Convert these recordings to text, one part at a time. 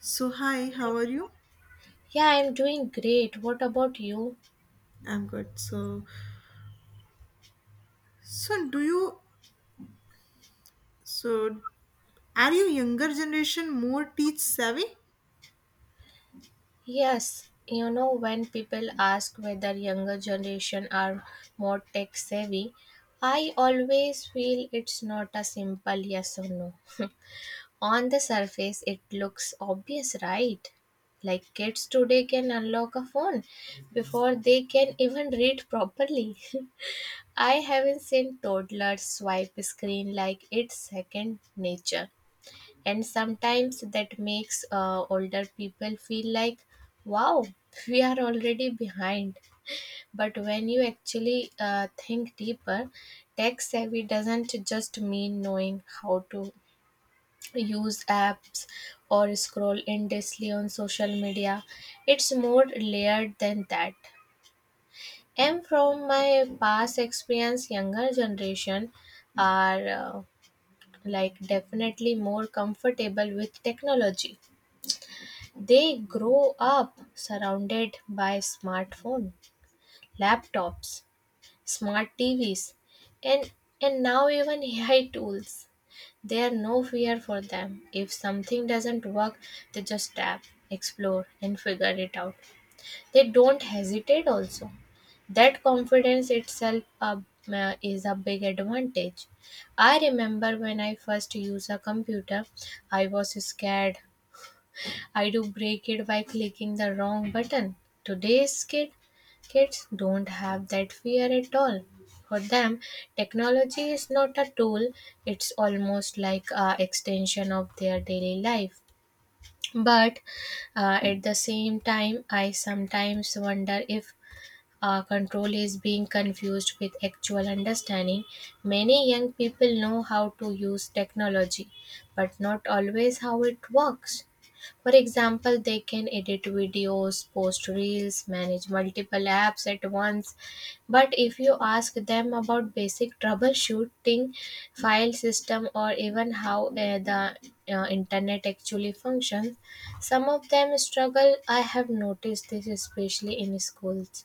So hi, how are you? Yeah, I'm doing great. What about you? I'm good. So do you so are you younger generation more teach savvy? Yes, when people ask whether younger generation are more tech savvy, I always feel it's not a simple yes or no. On the surface, it looks obvious, right? Like kids today can unlock a phone before they can even read properly. I haven't seen toddlers swipe screen like it's second nature, and sometimes that makes older people feel like, wow, we are already behind. But when you actually think deeper, tech savvy doesn't just mean knowing how to use apps or scroll endlessly on social media. It's more layered than that. And from my past experience, younger generation are like definitely more comfortable with technology. They grow up surrounded by smartphone, laptops, smart TVs, and and now even AI tools. There are no fear for them. If something doesn't work, they just tap, explore, and figure it out. They don't hesitate also. That confidence itself is a big advantage. I remember when I first used a computer, I was scared I do break it by clicking the wrong button. Today's kids don't have that fear at all. For them, technology is not a tool, it's almost like a extension of their daily life. But at the same time, I sometimes wonder if control is being confused with actual understanding. Many young people know how to use technology, but not always how it works. For example, they can edit videos, post reels, manage multiple apps at once. But if you ask them about basic troubleshooting, file system, or even how the internet actually functions, some of them struggle. I have noticed this especially in schools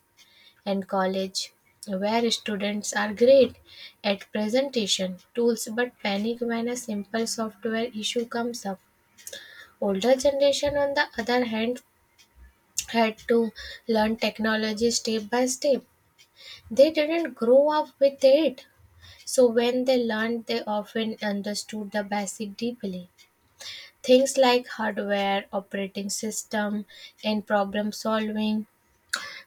and college, where students are great at presentation tools but panic when a simple software issue comes up. Older generation, on the other hand, had to learn technology step by step. They didn't grow up with it, so when they learned, they often understood the basic deeply, things like hardware, operating system, and problem solving.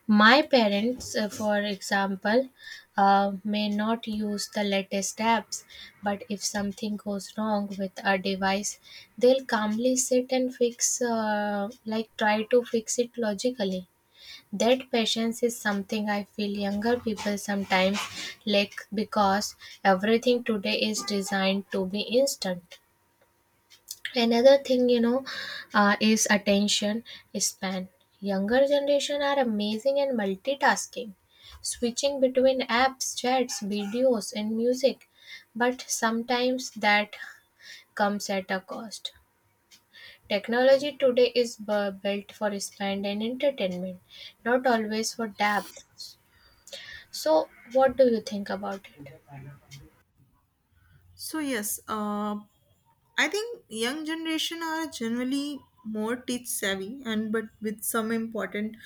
My parents, for example, may not use the latest apps, but if something goes wrong with a device, they'll calmly sit and fix, like try to fix it logically. That patience is something I feel younger people sometimes lack, because everything today is designed to be instant. Another thing is attention span. Younger generation are amazing and multitasking, switching between apps, chats, videos, and music. But sometimes that comes at a cost. Technology today is built for spend and entertainment, not always for depth. So what do you think about it? So yes, I think young generation are generally more teach savvy and but with some important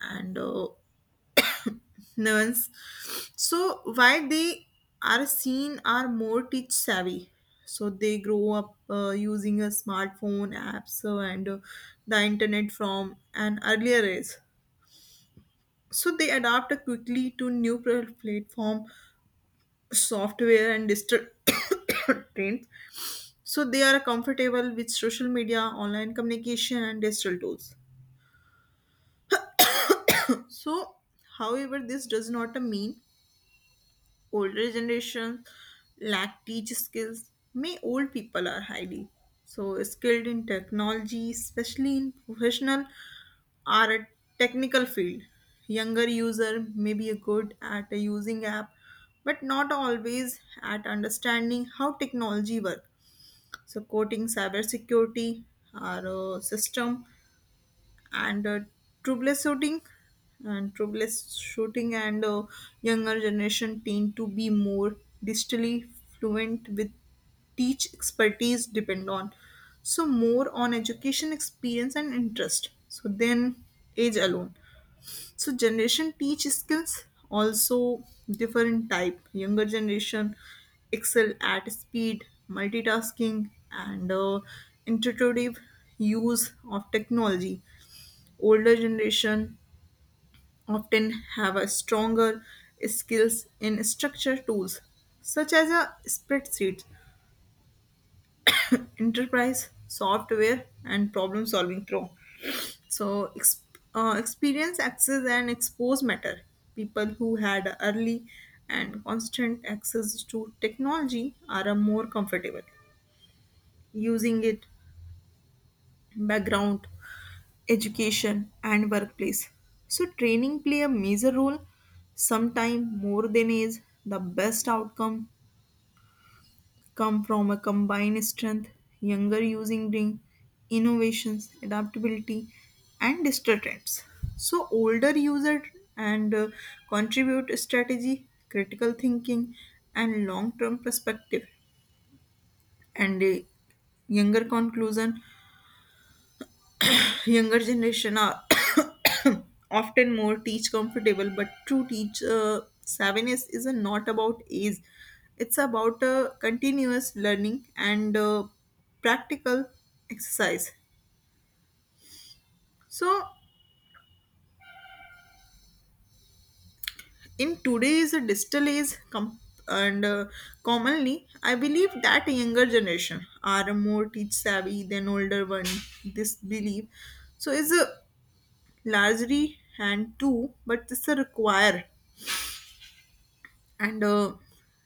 and nuance. So why they are seen are more teach savvy. So they grow up using a smartphone apps and the internet from an earlier age, so they adapt quickly to new platform, software and digital trends. So they are comfortable with social media, online communication and digital tools. So however, this does not mean older generations lack teach skills. May old people are highly so skilled in technology, especially in professional are a technical field. Younger user may be good at using app, but not always at understanding how technology works. So coding, cybersecurity, our system, and troubleshooting, and troubleshooting, and younger generation tend to be more digitally fluent with teach expertise depend on so more on education, experience and interest, so then age alone, so generation teach skills, also different type. Younger generation excel at speed, multitasking and intuitive use of technology. Older generation often have a stronger skills in structure tools such as a spreadsheet, enterprise software and problem solving pro. so ex- Experience, access and expose matter. People who had early and constant access to technology are more comfortable using it. Background, education and workplace, so training play a major role, sometime more than is the best outcome. Come from a combined strength, younger using bring innovations, adaptability, and digital trends. So older user and contribute strategy, critical thinking, and long-term perspective, and younger conclusion. Younger generation are often more teach comfortable, but true teach savviness is not about age. It's about continuous learning and practical exercise. So in today's digital age com- and commonly I believe that younger generation are more teach savvy than older one. This belief so is a largely and two, but this a require and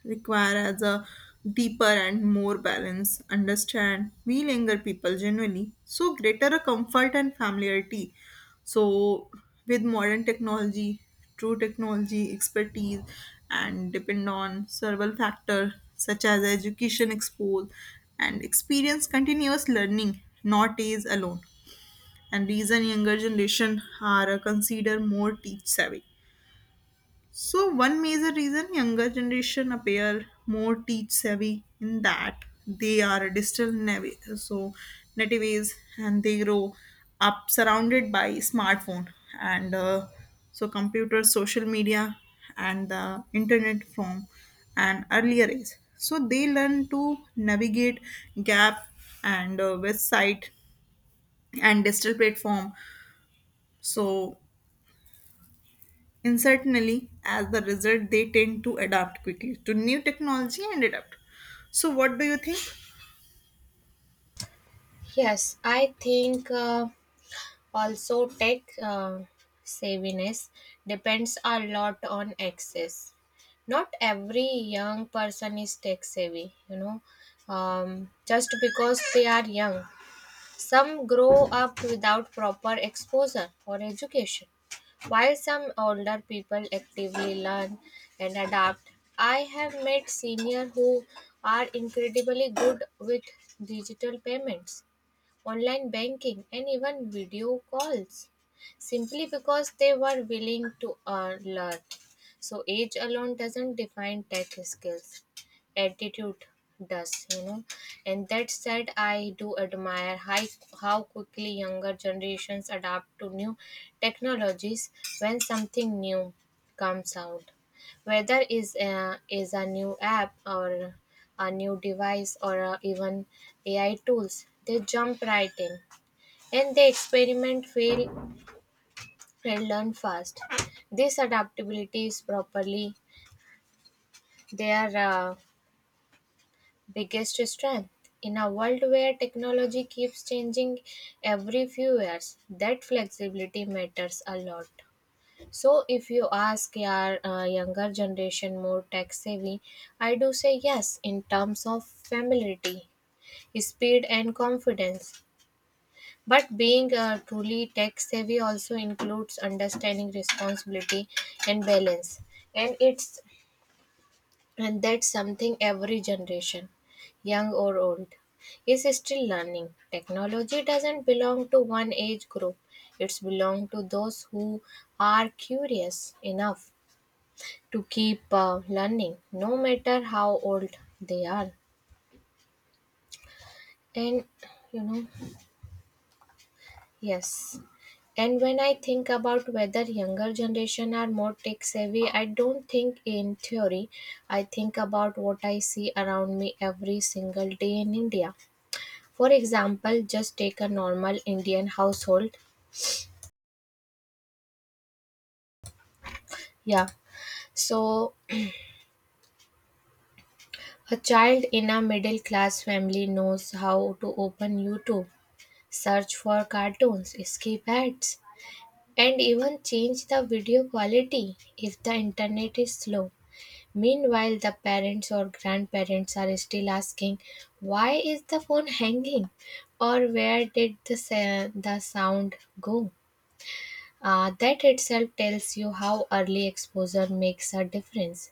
requires a deeper and more balance. Understand, we younger people genuinely so greater a comfort and familiarity. So, with modern technology, true technology expertise, and depend on several factors such as education, expose, and experience continuous learning, not age alone. And reason younger generation are considered more teach savvy, so one major reason younger generation appear more teach savvy in that they are digital natives and they grow up surrounded by smartphone and so computer, social media and the internet from an earlier age. So they learn to navigate gap and website and digital platform. So And certainly, as the result, they tend to adapt quickly to new technology and adapt. So, what do you think? Yes, I think. Also, tech savviness depends a lot on access. Not every young person is tech savvy, just because they are young. Some grow up without proper exposure or education. While some older people actively learn and adapt, I have met seniors who are incredibly good with digital payments, online banking, and even video calls, simply because they were willing to learn. So, age alone doesn't define tech skills, attitude does. And that said, I do admire how quickly younger generations adapt to new technologies when something new comes out, whether is a new app or a new device or even AI tools. They jump right in and they experiment, fail, and learn fast. This adaptability is properly their biggest strength. In a world where technology keeps changing every few years, that flexibility matters a lot. So if you ask your younger generation more tech savvy, I do say yes in terms of familiarity, speed, and confidence. But being truly tech savvy also includes understanding responsibility and balance. And it's and that's something every generation, young or old, is still learning. Technology doesn't belong to one age group. It's belong to those who are curious enough to keep learning no matter how old they are. And you know yes. And when I think about whether younger generation are more tech savvy, I don't think in theory. I think about what I see around me every single day in India. For example, just take a normal Indian household. Yeah. So a child in a middle class family knows how to open YouTube, search for cartoons, skip ads, and even change the video quality if the internet is slow. Meanwhile, the parents or grandparents are still asking, why is the phone hanging? Or where did the sound go? That itself tells you how early exposure makes a difference.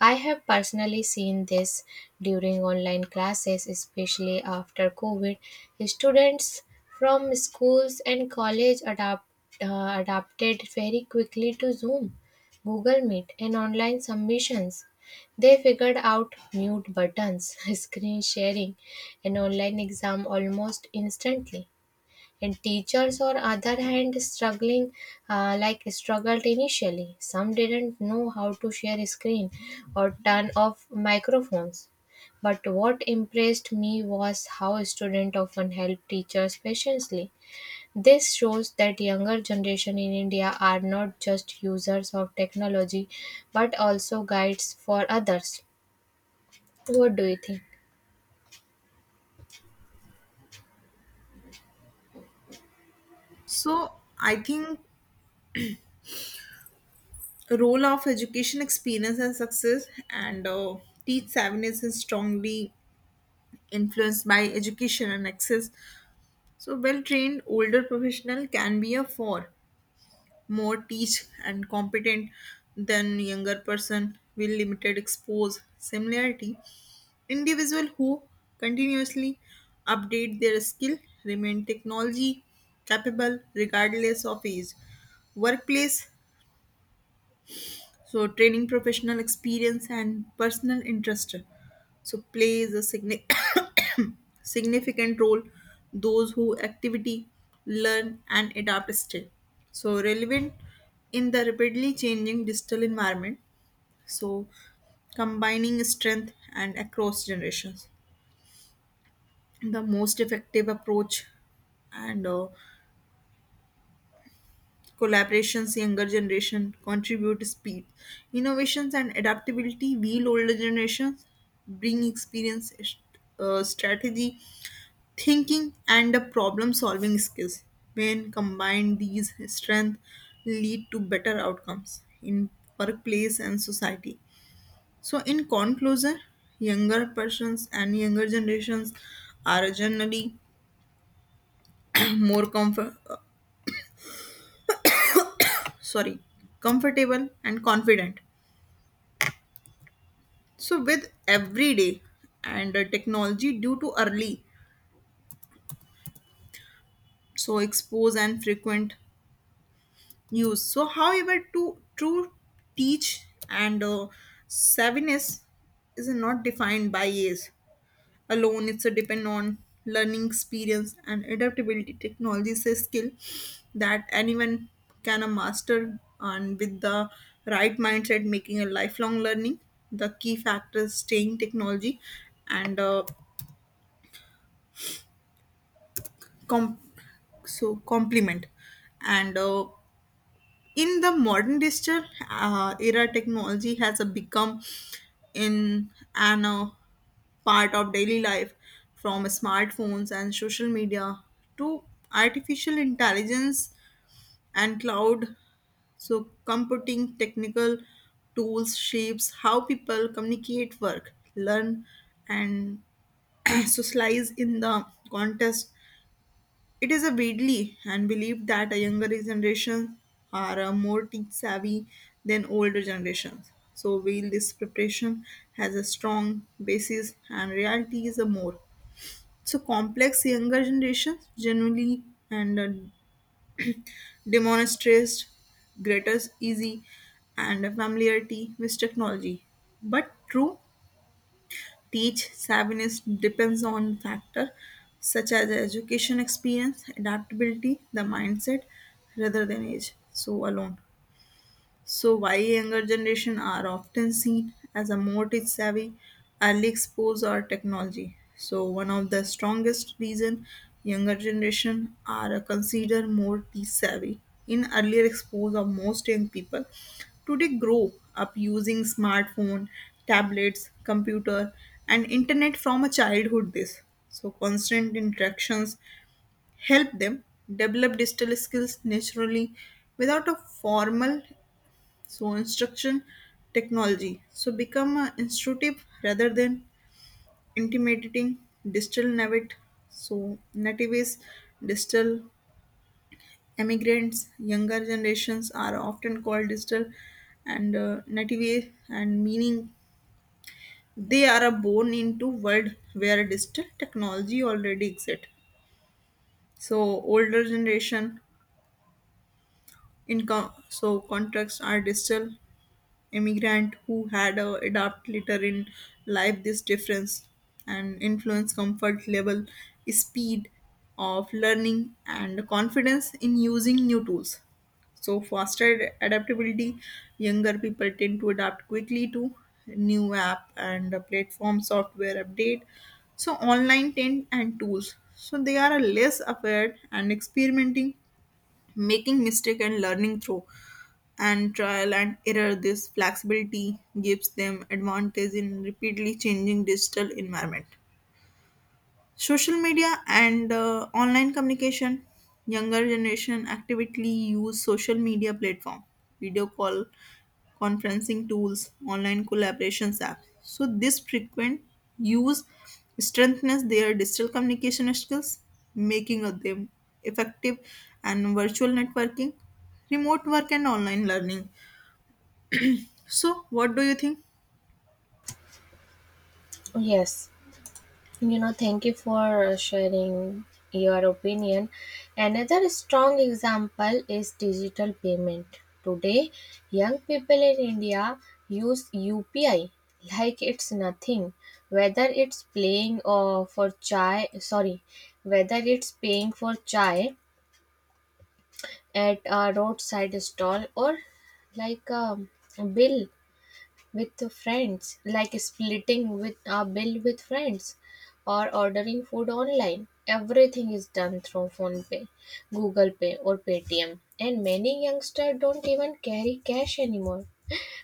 I have personally seen this during online classes, especially after COVID. Students from schools and college adapted very quickly to Zoom, Google Meet, and online submissions. They figured out mute buttons, screen sharing, and online exam almost instantly. And teachers or other hand struggling like struggled initially. Some didn't know how to share a screen or turn off microphones, but what impressed me was how students often help teachers patiently. This shows that younger generation in India are not just users of technology but also guides for others. What do you think? So, I think role of education, experience, and success, and teach savviness is strongly influenced by education and access. So, well trained older professional can be a for more teach and competent than younger person with limited expose similarity. Individual who continuously update their skill remain technology capable regardless of age, workplace, so training, professional experience and personal interest so plays a significant role. Those who activity learn and adapt still so relevant in the rapidly changing digital environment. So combining strength and across generations the most effective approach and collaborations. Younger generation contribute speed, innovations and adaptability, while older generations bring experience, strategy thinking and the problem solving skills. When combined, these strengths lead to better outcomes in workplace and society. So in conclusion, younger persons and younger generations are generally more sorry comfortable and confident so with everyday and technology due to early so expose and frequent use. So however to true teach and savviness is not defined by age alone. It's a depend on learning, experience and adaptability. Technology is a skill that anyone can a master, and with the right mindset making a lifelong learning the key factor is staying technology and com- so complement. And In the modern digital era, technology has become in an part of daily life, from smartphones and social media to artificial intelligence and cloud so computing. Technical tools shapes how people communicate, work, learn and socialize. In the context, it is a widely and believed that a younger generation are more tech savvy than older generations. So while this preparation has a strong basis and reality is a more so complex, younger generations generally and demonstrates greater easy and familiarity with technology. But true teach savviness depends on factor such as education, experience, adaptability, the mindset rather than age. So alone. So, why younger generation are often seen as a more tech savvy, early exposed or technology. So, one of the strongest reason younger generation are considered more tech savvy in earlier expose of most young people. Today, grow up using smartphone, tablets, computer, and internet from a childhood. This so constant interactions help them develop digital skills naturally without a formal so instruction. Technology so become instructive rather than intimidating. Digital native, so native is digital immigrants. Younger generations are often called digital and native, and meaning they are born into world where digital technology already exists. So older generation income so contracts are digital immigrant who had adapt later in life. This difference and influence comfort level, speed of learning and confidence in using new tools. So faster adaptability, younger people tend to adapt quickly to new app and platform, software update, so online tent and tools. So they are less aware and experimenting, making mistake and learning through and trial and error. This flexibility gives them advantage in rapidly changing digital environment. Social media and online communication. Younger generation actively use social media platform, video call, conferencing tools, online collaborations apps. So this frequent use strengthens their digital communication skills, making of them effective and virtual networking, remote work and online learning. So, what do you think? Yes. Thank you for sharing your opinion. Another strong example is digital payment. Today, young people in India use UPI like it's nothing. Whether it's playing for chai, sorry, whether it's paying for chai at a roadside stall, or like a bill with friends, like splitting with a bill with friends, or ordering food online. Everything is done through phone pay, Google Pay, or Paytm. And many youngsters don't even carry cash anymore.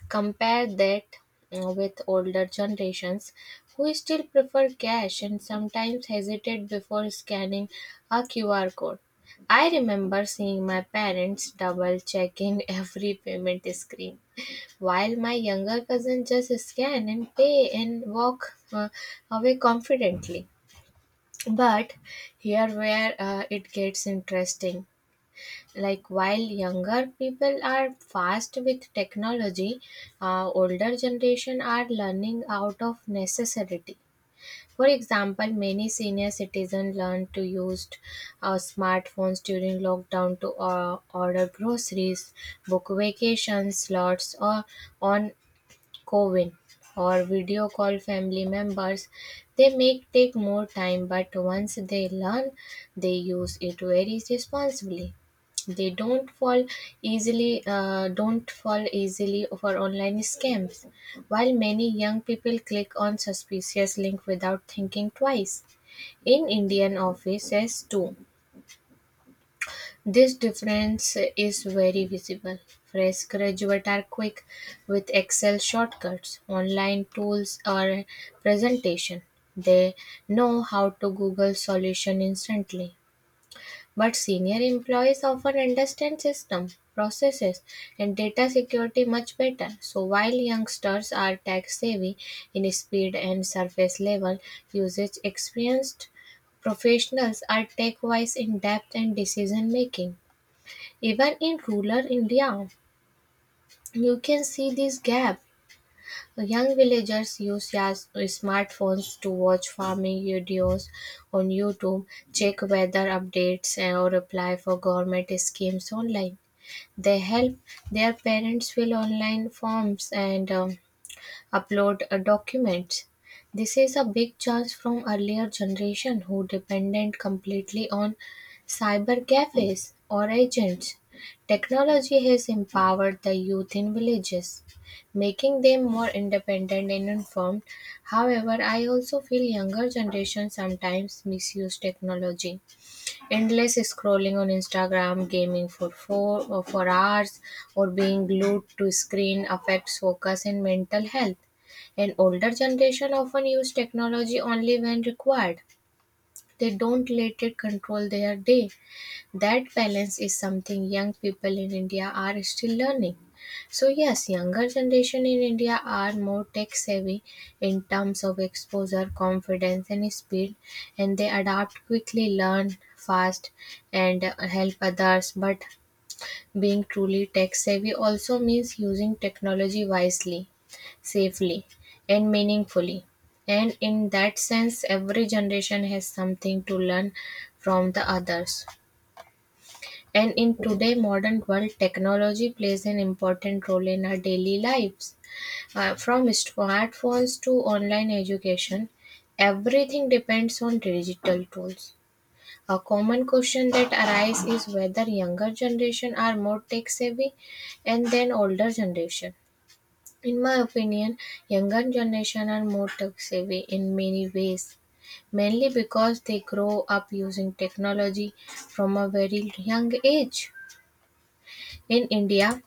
Compare that with older generations, who still prefer cash and sometimes hesitate before scanning a QR code. I remember seeing my parents double checking every payment screen, while my younger cousin just scan and pay and walk away confidently. But here where it gets interesting, like while younger people are fast with technology, older generation are learning out of necessity. For example, many senior citizens learned to use smartphones during lockdown to order groceries, book vacation slots, or on Coven, or video call family members. They may take more time, but once they learn, they use it very responsibly. They don't fall easily for online scams. While many young people click on suspicious link without thinking twice, in Indian offices too, this difference is very visible. Fresh graduates are quick with Excel shortcuts, online tools, or presentation. They know how to Google solution instantly. But senior employees often understand system, processes, and data security much better. So while youngsters are tech savvy in speed and surface level usage, experienced professionals are tech wise in depth and decision making. Even in rural India, you can see this gap. Young villagers use their smartphones to watch farming videos on YouTube, check weather updates, or apply for government schemes online. They help their parents fill online forms and upload documents. This is a big change from earlier generation, who depended completely on cyber cafes or agents. Technology has empowered the youth in villages, making them more independent and informed. However, I also feel younger generation sometimes misuse technology. Endless scrolling on Instagram, gaming for four or for hours, or being glued to screen affects focus and mental health. An older generation often use technology only when required. They don't let it control their day. That balance is something young people in India are still learning. So yes, younger generation in India are more tech savvy in terms of exposure, confidence, and speed, and they adapt quickly, learn fast, and help others. But being truly tech savvy also means using technology wisely, safely, and meaningfully. And in that sense, every generation has something to learn from the others. And in today modern world, technology plays an important role in our daily lives. From smartphones to online education, everything depends on digital tools. A common question that arises is whether younger generation are more tech savvy and then older generation. In my opinion, younger generation are more tech savvy in many ways, mainly because they grow up using technology from a very young age. In India,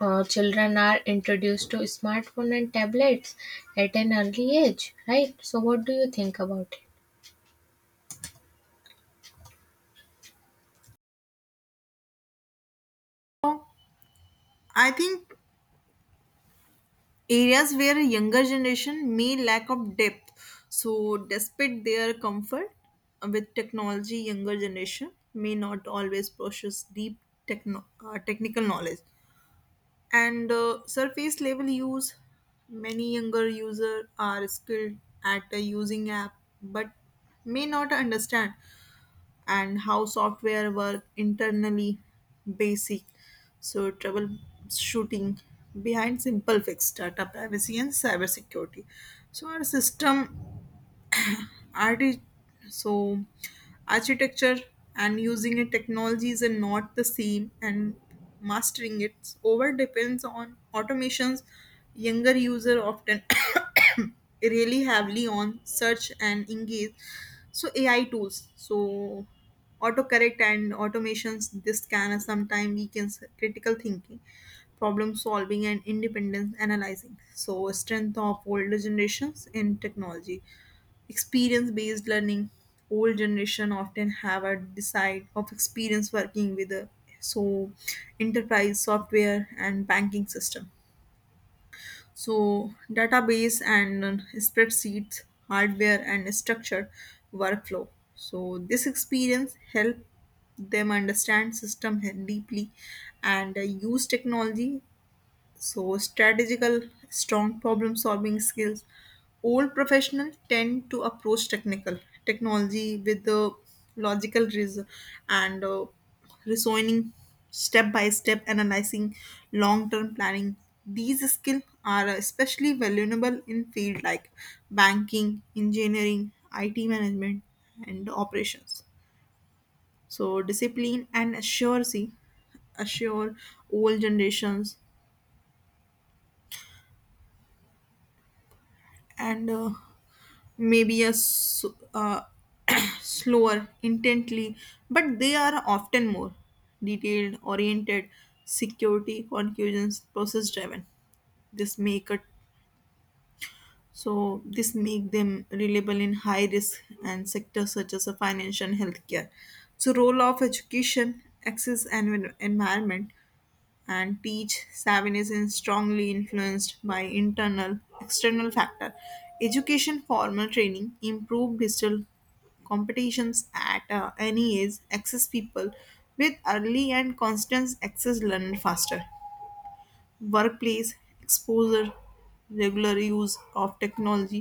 children are introduced to smartphone and tablets at an early age, right? So, what do you think about it? So, I think areas where younger generation may lack of depth. So despite their comfort with technology, younger generation may not always possess deep technical knowledge. And Surface level use, many younger users are skilled at using app, but may not understand and how software work internally, basic so troubleshooting behind simple fix, data privacy and cybersecurity, so our system art is so architecture and using a technologies are not the same, and mastering it over depends on automations. Younger user often really heavily on search and engage, so AI tools, so autocorrect and automations. This can sometimes weakens critical thinking, problem solving and independence analyzing. So strength of older generations in technology, experience based learning. Old generation often have a decide of experience working with a so enterprise software and banking system, so database and spreadsheets, hardware and structured workflow. So this experience help them understand system deeply and use technology so, strategical, strong problem solving skills. Old professionals tend to approach technical technology with the logical reason and reasoning, step by step analyzing, long term planning. These skills are especially valuable in fields like banking, engineering, IT management, and operations. So, discipline and accuracy assure all generations and maybe a s- uh, slower intently, but they are often more detailed oriented, security conclusions, process driven. this make it this make them reliable in high risk and sectors such as a financial and healthcare. So role of education, access and environment and teach Savin is strongly influenced by internal external factor. Education, formal training improved digital competitions at any age. Access, people with early and constant access learn faster. Workplace exposure, regular use of technology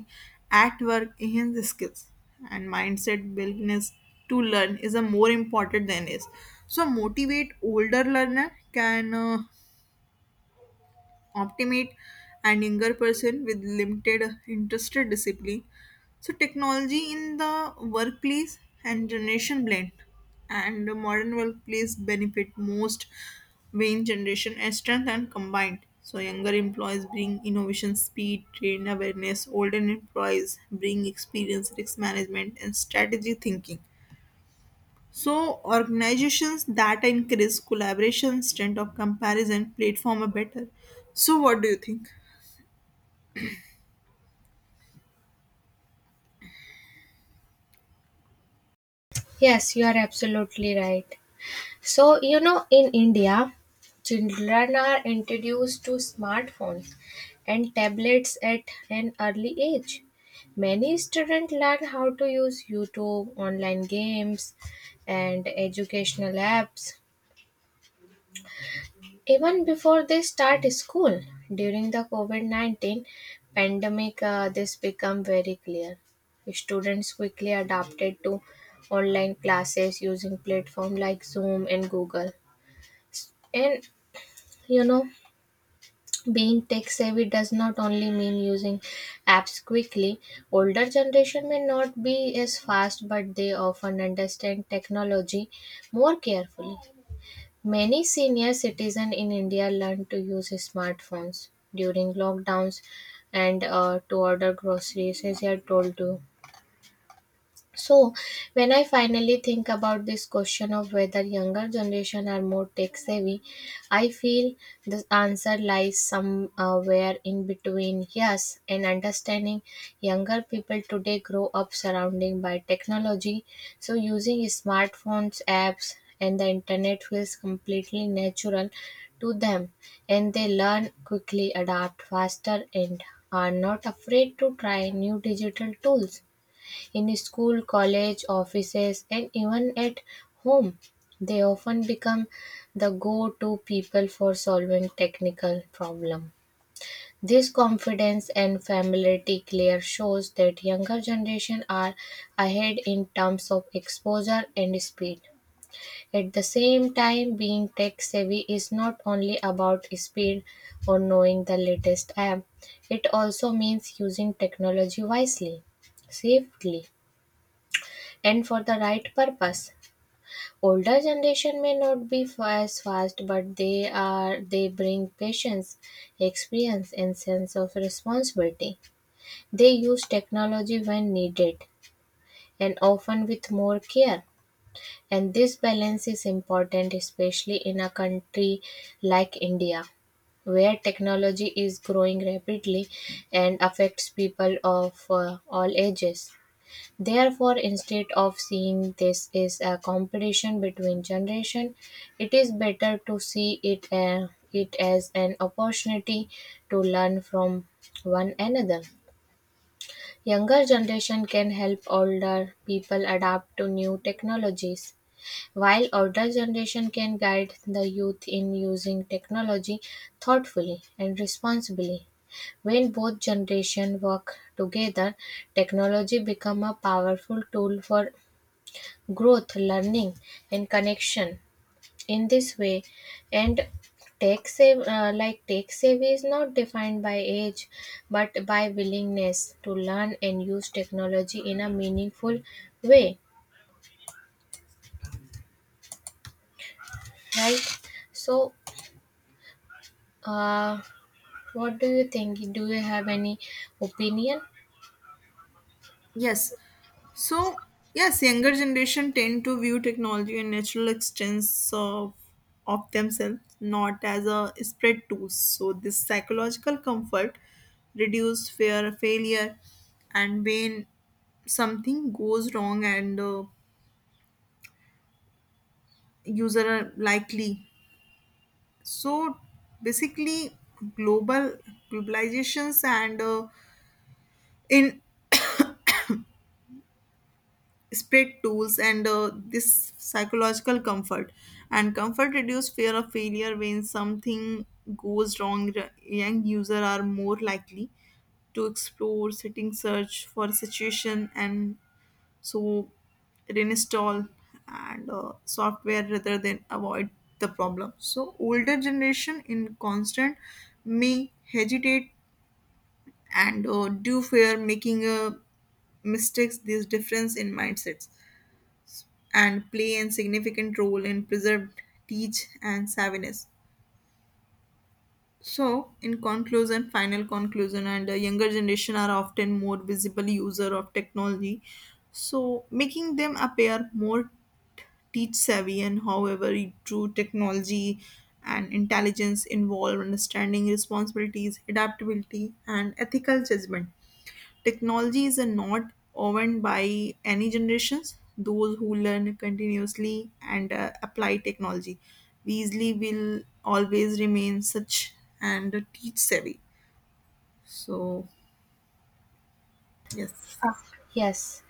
at work enhance skills. And mindset, willingness to learn is a more important than is so motivate older learner can optimate and younger person with limited interested discipline. So technology in the workplace and generation blend. And the modern workplace benefit most when generation and strength and combined, so younger employees bring innovation, speed, train awareness, older employees bring experience, risk management and strategy thinking. So organizations that increase collaboration, strength of comparison, platform are better. So what do you think? Yes, you are absolutely right. So, in India, children are introduced to smartphones and tablets at an early age. Many students learn how to use YouTube, online games, and educational apps even before they start school. During the COVID-19 pandemic, this became very clear. Students quickly adapted to online classes using platforms like Zoom and Google. And you know being tech savvy does not only mean using apps quickly. Older generation may not be as fast, but they often understand technology more carefully. Many senior citizens in India learned to use smartphones during lockdowns and to order groceries, as you are told to. So, when I finally think about this question of whether younger generation are more tech savvy, I feel the answer lies somewhere in between yes and understanding. Younger people today grow up surrounding by technology, so using smartphones, apps, and the internet feels completely natural to them, and they learn quickly, adapt faster, and are not afraid to try new digital tools. In school, college, offices, and even at home, they often become the go-to people for solving technical problems. This confidence and familiarity clear shows that younger generation are ahead in terms of exposure and speed. At the same time, being tech savvy is not only about speed or knowing the latest app. It also means using technology wisely, safely, and for the right purpose. Older generation may not be as fast, but they bring patience, experience, and sense of responsibility. They use technology when needed and often with more care. And this balance is important, especially in a country like India, where technology is growing rapidly and affects people of all ages. Therefore, instead of seeing this as a competition between generations, it is better to see it as an opportunity to learn from one another. Younger generation can help older people adapt to new technologies, while older generation can guide the youth in using technology thoughtfully and responsibly. When both generation work together, technology become a powerful tool for growth, learning, and connection. In this way, and tech save like tech savvy is not defined by age, but by willingness to learn and use technology in a meaningful way. Right? So. Uh, What do you think? Do you have any opinion? Yes. So, yes, younger generation tend to view technology and natural extents of themselves, not as a spread tools. So, this psychological comfort, reduce fear of failure, and when something goes wrong and user are likely. So, basically, global globalizations and in spread tools and this psychological comfort and comfort reduce fear of failure. When something goes wrong, young user are more likely to explore setting, search for a situation and so reinstall and software rather than avoid the problem. So older generation in constant may hesitate and do fear making mistakes. This difference in mindsets and play a significant role in preserved teach and savviness. So, in conclusion, final conclusion, and the younger generation are often more visible user of technology, so making them appear more teach savvy. And however, true technology and intelligence involve understanding responsibilities, adaptability, and ethical judgment. Technology is not owned by any generations. Those who learn continuously and apply technology easily will always remain such and teach savvy. So, yes, Ah, yes.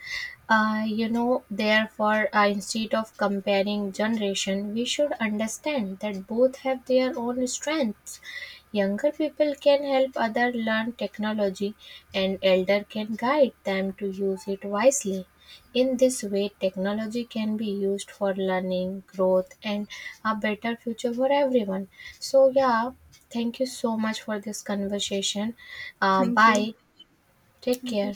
Therefore, instead of comparing generation, we should understand that both have their own strengths. Younger people can help others learn technology, and elder can guide them to use it wisely. In this way, technology can be used for learning, growth, and a better future for everyone. So, yeah, thank you so much for this conversation. Uh, thank you. bye. Take Thank you. care.